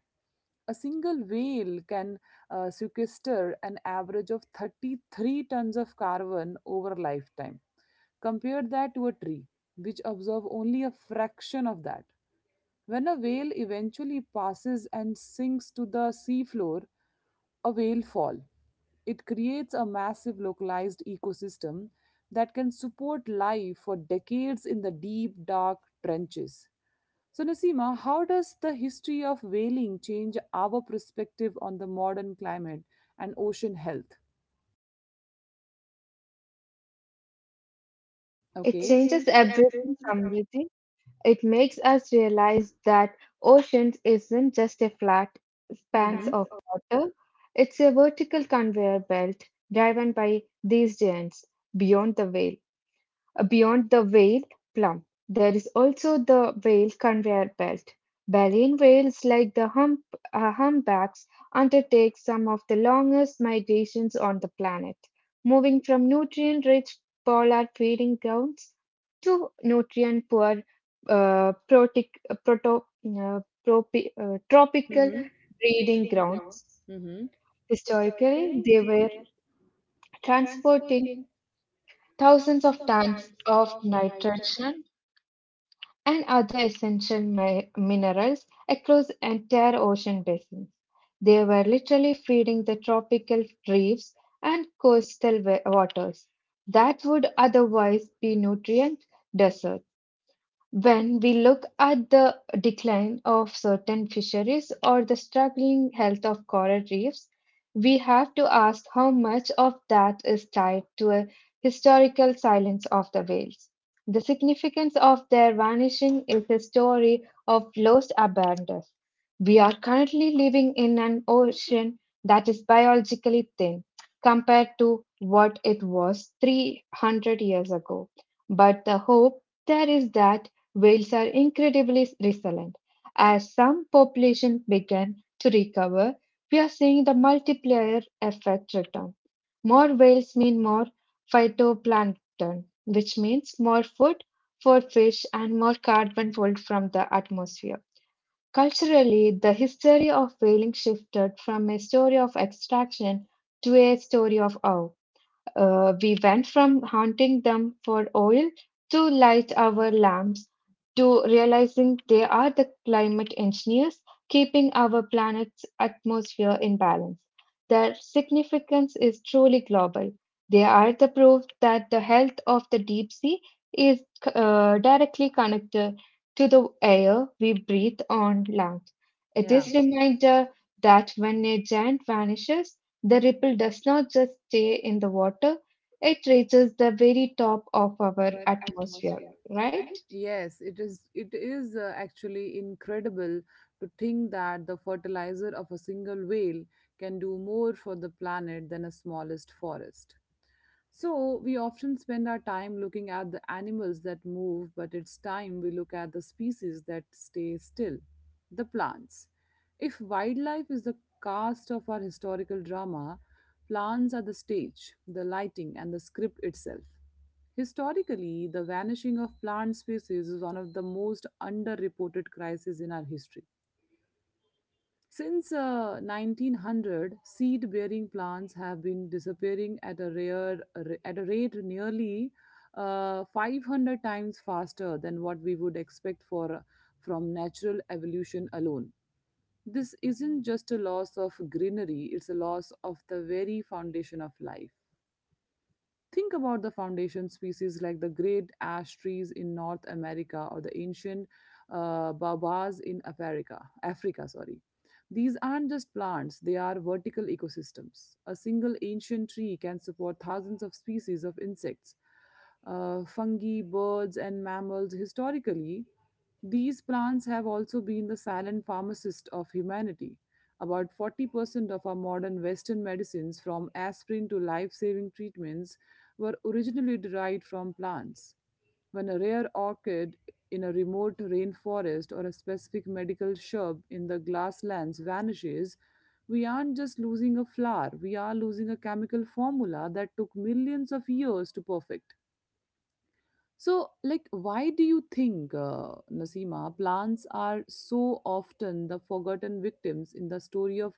Speaker 1: A single whale can sequester an average of 33 tons of carbon over a lifetime. Compare that to a tree, which absorbs only a fraction of that. When a whale eventually passes and sinks to the seafloor, a whale fall. It creates a massive localized ecosystem that can support life for decades in the deep, dark trenches. So, Nasima, how does the history of whaling change our perspective on the modern climate and ocean health? It
Speaker 2: It
Speaker 1: Okay.
Speaker 2: changes
Speaker 1: changes
Speaker 2: everything,
Speaker 1: everything from
Speaker 2: Samriti. It makes us realize that oceans isn't just a flat
Speaker 1: Mm-hmm.
Speaker 2: expanse
Speaker 1: expanse
Speaker 2: of
Speaker 1: of
Speaker 2: water, it's a vertical conveyor belt driven by these giants beyond the whale. Beyond the Whale Plum, there is also the whale conveyor belt. Baleen whales, like the humpbacks, undertake some of the longest migrations on the planet, moving from nutrient rich polar feeding grounds to nutrient poor uh, protic, uh, proto, uh,
Speaker 1: Mm-hmm.
Speaker 2: tropical
Speaker 1: tropical
Speaker 2: breeding
Speaker 1: breeding
Speaker 2: grounds.
Speaker 1: grounds. Mm-hmm.
Speaker 2: Historically,
Speaker 1: Historically,
Speaker 2: they
Speaker 1: they
Speaker 2: were
Speaker 1: were
Speaker 2: transporting
Speaker 1: transporting
Speaker 2: thousands
Speaker 1: thousands
Speaker 2: of
Speaker 1: of
Speaker 2: tons
Speaker 1: tons
Speaker 2: of
Speaker 1: of nitrogen
Speaker 2: nitrogen and other essential minerals across entire ocean basins. They were literally feeding the tropical reefs and coastal waters that would otherwise be nutrient deserts. When we look at the decline of certain fisheries or the struggling health of coral reefs, we have to ask how much of that is tied to a historical silence of the whales. The significance of their vanishing is a story of lost abundance. We are currently living in an ocean that is biologically thin compared to what it was 300 years ago. But the hope there is that whales are incredibly resilient. As some populations begin to recover, we are seeing the multiplier effect return. More whales mean more phytoplankton, which means more food for fish and more carbon pulled from the atmosphere. Culturally, the history of whaling shifted from a story of extraction to a story of awe. We went from hunting them for oil to light our lamps to realizing they are the climate engineers keeping our planet's atmosphere in balance. Their significance is truly global. They are the proof that the health of the deep sea is directly connected to the air we breathe on land. It
Speaker 1: Yeah.
Speaker 2: is reminder that when a giant vanishes, the ripple does not just stay in the water, it reaches the very top of our
Speaker 1: our
Speaker 2: atmosphere,
Speaker 1: atmosphere,
Speaker 2: right?
Speaker 1: right? Yes, it is. It is actually incredible to think that the fertilizer of a single whale can do more for the planet than a smallest forest. So we often spend our time looking at the animals that move, but it's time we look at the species that stay still, the plants. If wildlife is the cast of our historical drama, plants are the stage, the lighting, and the script itself. Historically, the vanishing of plant species is one of the most underreported crises in our history. Since 1900, seed-bearing plants have been disappearing at a rare at a rate nearly 500 times faster than what we would expect for from natural evolution alone. This isn't just a loss of greenery; it's a loss of the very foundation of life. Think about the foundation species like the great ash trees in North America or the ancient baobabs in Africa. Africa, sorry. These aren't just plants, they are vertical ecosystems. A single ancient tree can support thousands of species of insects, fungi, birds, and mammals. Historically, these plants have also been the silent pharmacist of humanity. About 40% of our modern Western medicines, from aspirin to life saving treatments, were originally derived from plants. When a rare orchid in a remote rainforest or a specific medical shrub in the grasslands vanishes, we aren't just losing a flower, we are losing a chemical formula that took millions of years to perfect. So, like, why do you think, Nasima, plants are so often the forgotten victims in the story of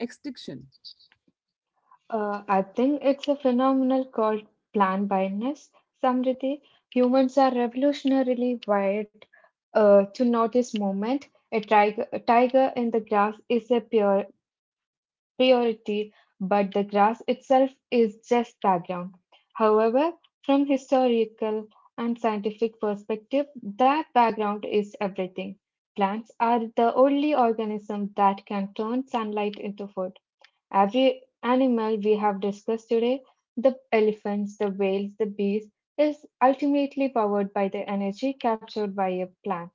Speaker 1: extinction?
Speaker 2: I think it's a phenomenon called plant blindness. Samriti, humans are revolutionarily wired to notice movement. A tiger in the grass is a pure priority, but the grass itself is just background. However, from historical and scientific perspective, that background is everything. Plants are the only organism that can turn sunlight into food. Every animal we have discussed today, the elephants, the whales, the bees, is ultimately powered by the energy captured by a plant.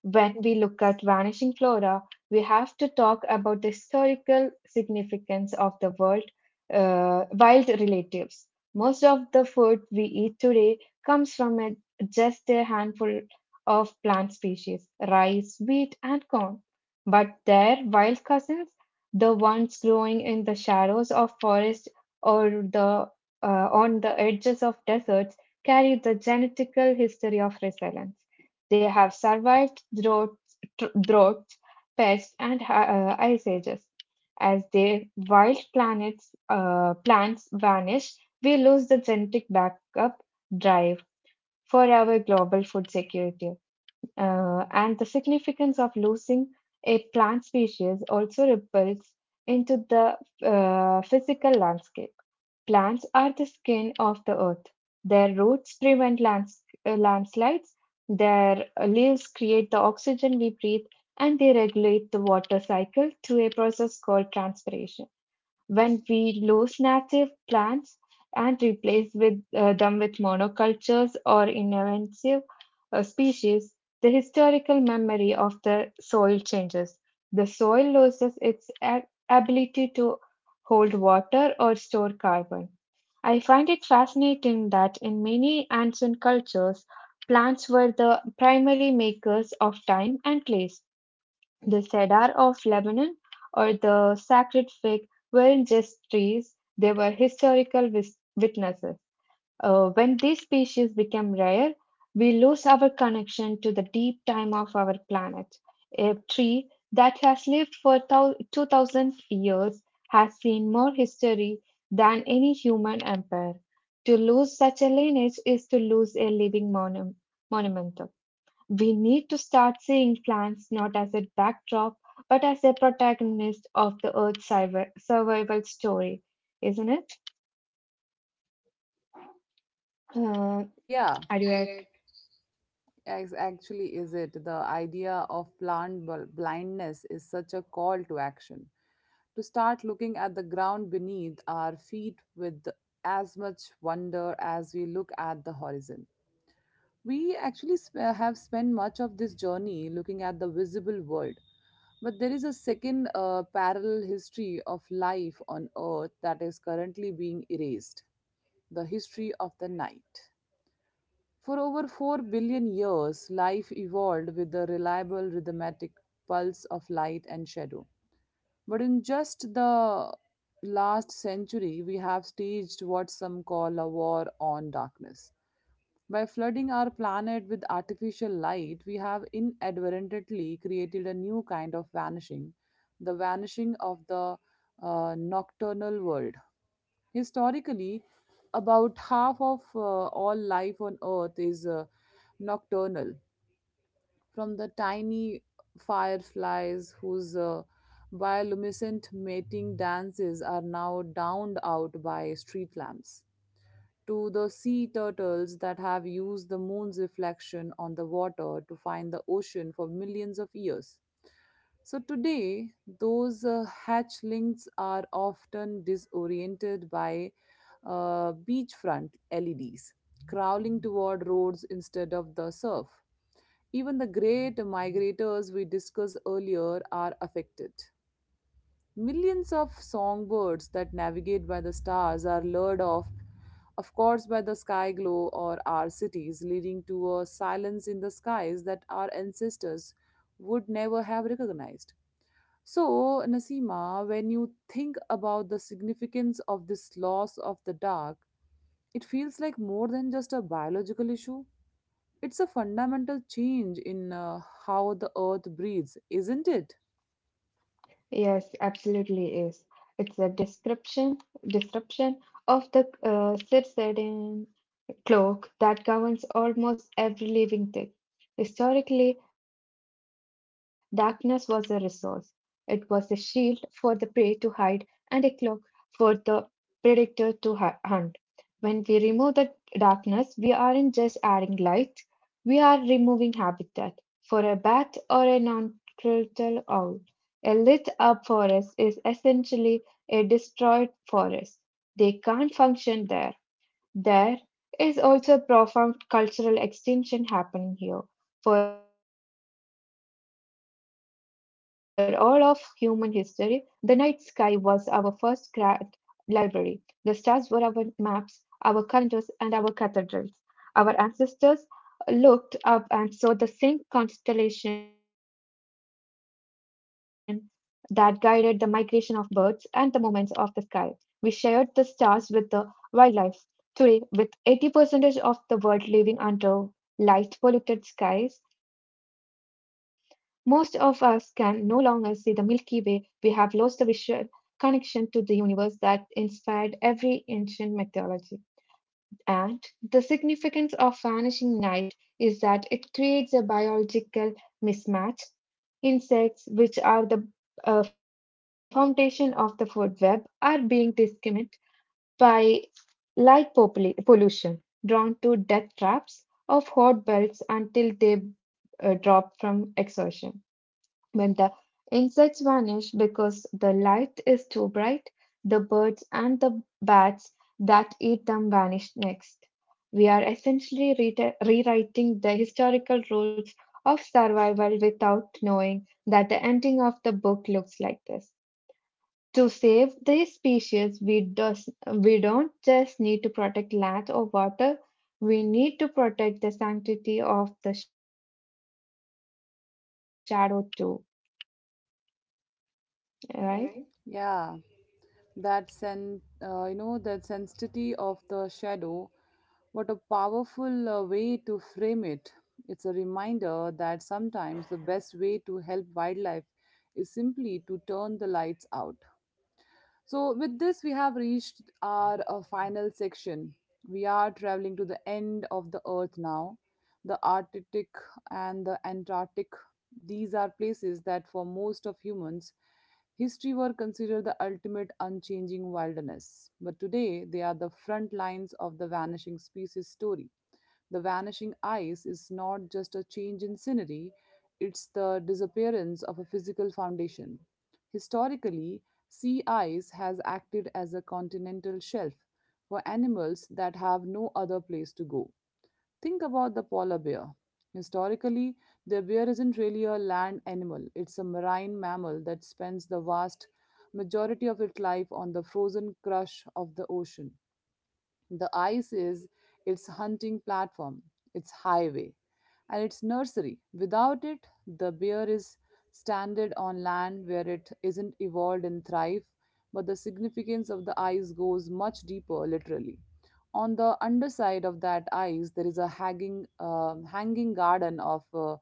Speaker 2: When we look at vanishing flora, we have to talk about the historical significance of the world, wild relatives. Most of the food we eat today comes from just a handful of plant species rice, wheat, and corn. But their wild cousins, the ones growing in the shadows of forests or on the edges of deserts, carry the genetical history of resilience. They have survived droughts, droughts pests, and ice ages. As their wild planets, plants vanish, we lose the genetic backup drive for our global food security. And the significance of losing a plant species also ripples into the physical landscape. Plants are the skin of the earth. Their roots prevent landslides, their leaves create the oxygen we breathe, and they regulate the water cycle through a process called transpiration. When we lose native plants and replace them with monocultures or invasive species, the historical memory of the soil changes. The soil loses its ability to hold water or store carbon. I find it fascinating that in many ancient cultures, plants were the primary makers of time and place. The cedar of Lebanon or the sacred fig weren't just trees, they were historical witnesses. When these species become rare, we lose our connection to the deep time of our planet. A tree that has lived for 2000 years has seen more history than any human empire. To lose such a lineage is to lose a living monument. We need to start seeing plants not as a backdrop, but as a protagonist of the Earth's survival story, isn't it? Uh,
Speaker 1: Yeah.
Speaker 2: are you ac-
Speaker 1: Ex- actually is it the idea of blindness is such a call to action to start looking at the ground beneath our feet with as much wonder as we look at the horizon. We actually sp- have spent much of this journey looking at the visible world, but there is a second parallel history of life on earth that is currently being erased, the history of the night. For over 4 billion years, life evolved with the reliable rhythmic pulse of light and shadow. But in just the last century, we have staged what some call a war on darkness. By flooding our planet with artificial light, we have inadvertently created a new kind of
Speaker 2: Oh,
Speaker 1: vanishing, the vanishing of the nocturnal world. Historically, about half of all life on Earth is nocturnal, from the tiny fireflies whose bioluminescent mating dances are now downed out by street lamps, to the sea turtles that have used the moon's reflection on the water to find the ocean for millions of years. So today, those hatchlings are often disoriented by beachfront LEDs, crawling toward roads instead of the surf. Even the great migrators we discussed earlier are affected. Millions of songbirds that navigate by the stars are lured off, of course, by the sky glow or our cities, leading to a silence in the skies that our ancestors would never have recognized. So, Nasima, when you think about the significance of this loss of the dark, it feels like more than just a biological issue. It's a fundamental change in how the earth breathes, isn't it?
Speaker 2: yes, absolutely is. It's description of the circadian cloak that governs almost every living thing. Historically, darkness was a resource. It was a shield for the prey to hide and a cloak for the predator to hunt. When we remove the darkness, we aren't just adding light, we are removing habitat. For a bat or a noncretal owl, a lit up forest is essentially a destroyed forest. They can't function there. There is also a profound cultural extinction happening here. For all of human history, the night sky was our first grand library. The stars were our maps, our calendars, and our cathedrals. Our ancestors looked up and saw the same constellation that guided the migration of birds and the movements of the sky. We shared the stars with the wildlife. Today, with eighty percentage of the world living under light polluted skies. Most of us can no longer see the Milky Way. We have lost the visual connection to the universe that inspired every ancient mythology. And the significance of vanishing night is that it creates a biological mismatch. Insects, which are the foundation of the food web, are being discriminated by light pollution, drawn to death traps of hot belts until they drop from exhaustion. When the insects vanish because the light is too bright, the birds and the bats that eat them vanish next. We are essentially rewriting the historical rules of survival without knowing that the ending of the book looks like this. To save these species, we don't just need to protect land or water, we need to protect the sanctity of the shadow too, right?
Speaker 1: Right? Yeah. That that sensitivity of the shadow, what a powerful way to frame it. It's a reminder that sometimes the best way to help wildlife is simply to turn the lights out. So, with this, we have reached our final section. We are traveling to the end of the Earth now. The Arctic and the Antarctic, these are places that for most of humans, history were considered the ultimate unchanging wilderness. But today, they are the front lines of the vanishing species story. The vanishing ice is not just a change in scenery, it's the disappearance of a physical foundation. Historically, sea ice has acted as a continental shelf for animals that have no other place to go. Think about the polar bear. Historically, the bear isn't really a land animal, it's a marine mammal that spends the vast majority of its life on the frozen crush of the ocean. The ice is its hunting platform, its highway, and its nursery. Without it, the bear is stranded on land where it isn't evolved and thrive. But the significance of the ice goes much deeper, literally. On the underside of that ice there is a hanging garden of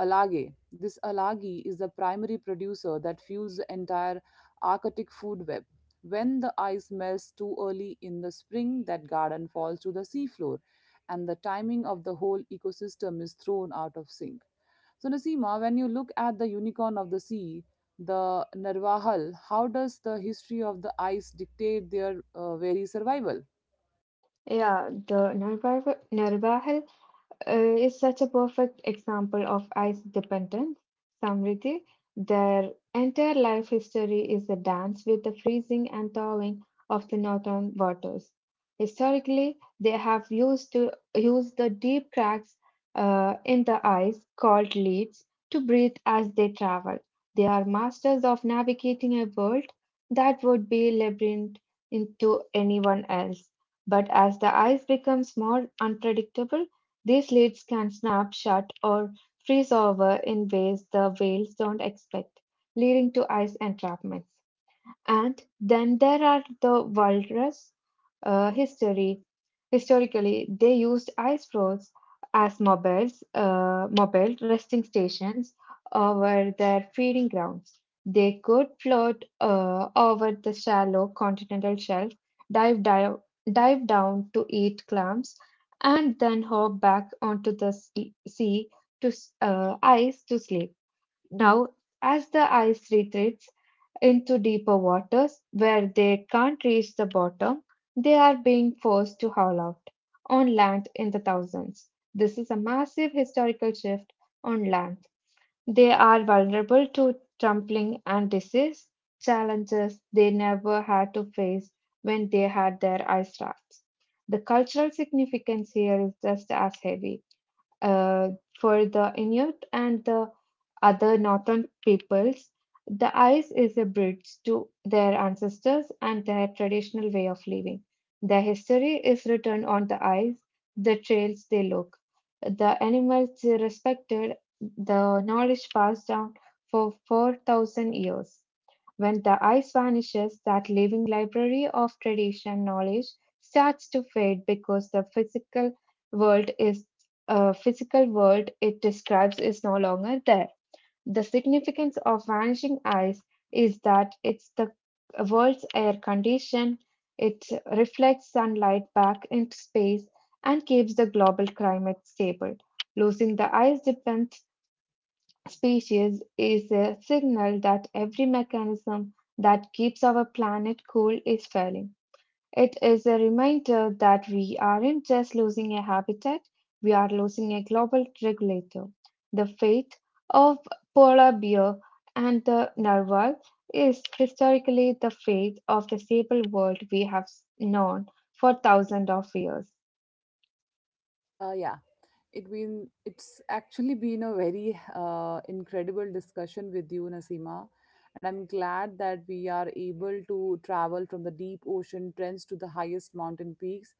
Speaker 1: algae. This algae is the primary producer that fuels the entire arctic food web. When the ice melts too early in the spring, that garden falls to the seafloor, and the timing of the whole ecosystem is thrown out of sync. So, Nasima, when you look at the unicorn of the sea, the Narwahal, how does the history of the ice dictate their very survival?
Speaker 2: Yeah, the Narbahar is such a perfect example of ice dependence. Samriti, their entire life history is a dance with the freezing and thawing of the northern waters. Historically, they have used to use the deep cracks in the ice called leads to breathe as they travel. They are masters of navigating a world that would be labyrinth into anyone else. But as the ice becomes more unpredictable, these leads can snap shut or freeze over in ways the whales don't expect, leading to ice entrapments. And then there are the walrus history. Historically, they used ice floes as mobile resting stations over their feeding grounds. They could float over the shallow continental shelf, dive, dive, dive down to eat clams, and then hop back onto the ice to sleep. Now, as the ice retreats, into deeper waters where they can't reach the bottom, they are being forced to haul out on land in the thousands. This is a massive historical shift on land. They are vulnerable to trampling and disease challenges they never had to face when they had their ice rafts. The cultural significance here is just as heavy. Uh, for the Inuit and the other northern peoples, the ice is a bridge to their ancestors and their traditional way of living. Their history is written on the ice, the trails they look, the animals they respected, the knowledge passed down for 4,000 years. When the ice vanishes, that living library of tradition knowledge starts to fade because the world is physical world it describes is no longer there. The significance of vanishing ice is that it's the world's air condition. It reflects sunlight back into space and keeps the global climate stable. Losing the ice dependent species is a signal that every mechanism that keeps our planet cool is failing. It is a reminder that we aren't just losing a habitat, we are losing a global regulator. The fate of polar bear and the narwhal is historically the fate of the stable world we have known for thousands of years.
Speaker 1: Yeah, it's actually been a very incredible discussion with you, Nasima, and I'm glad that we are able to travel from the deep ocean trends to the highest mountain peaks,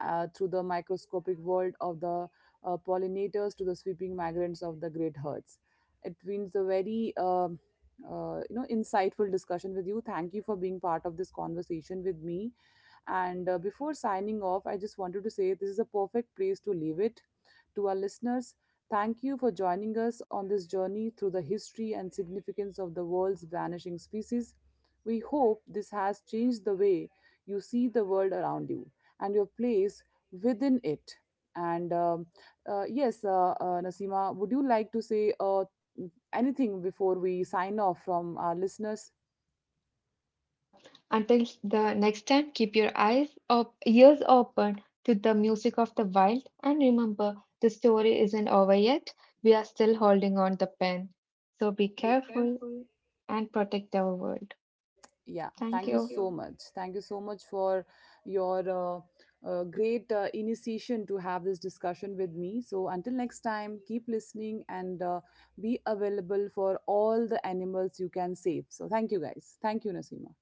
Speaker 1: through the microscopic world of the pollinators to the sweeping migrants of the great herds. It means a very insightful discussion with you. Thank you for being part of this conversation with me. And before signing off, I just wanted to say this is a perfect place to leave it to our listeners. Thank you for joining us on this journey through the history and significance of the world's vanishing species. We hope this has changed the way you see the world around you and your place within it. And um, yes, Nasima, would you like to say anything before we sign off from our listeners?
Speaker 2: Yeah. Until the next time, keep your eyes ears open to the music of the wild, and remember, the story isn't over yet. We are still holding on the pen. So be
Speaker 1: So be
Speaker 2: careful.
Speaker 1: careful.
Speaker 2: And protect our world.
Speaker 1: Yeah,
Speaker 2: Thank
Speaker 1: thank you Thank
Speaker 2: you.
Speaker 1: so you. Much. Thank you so much for your great initiation to have this discussion with me. So, until next time, keep listening and be available for all the animals you can save. So, thank you guys. Thank you, Nasima.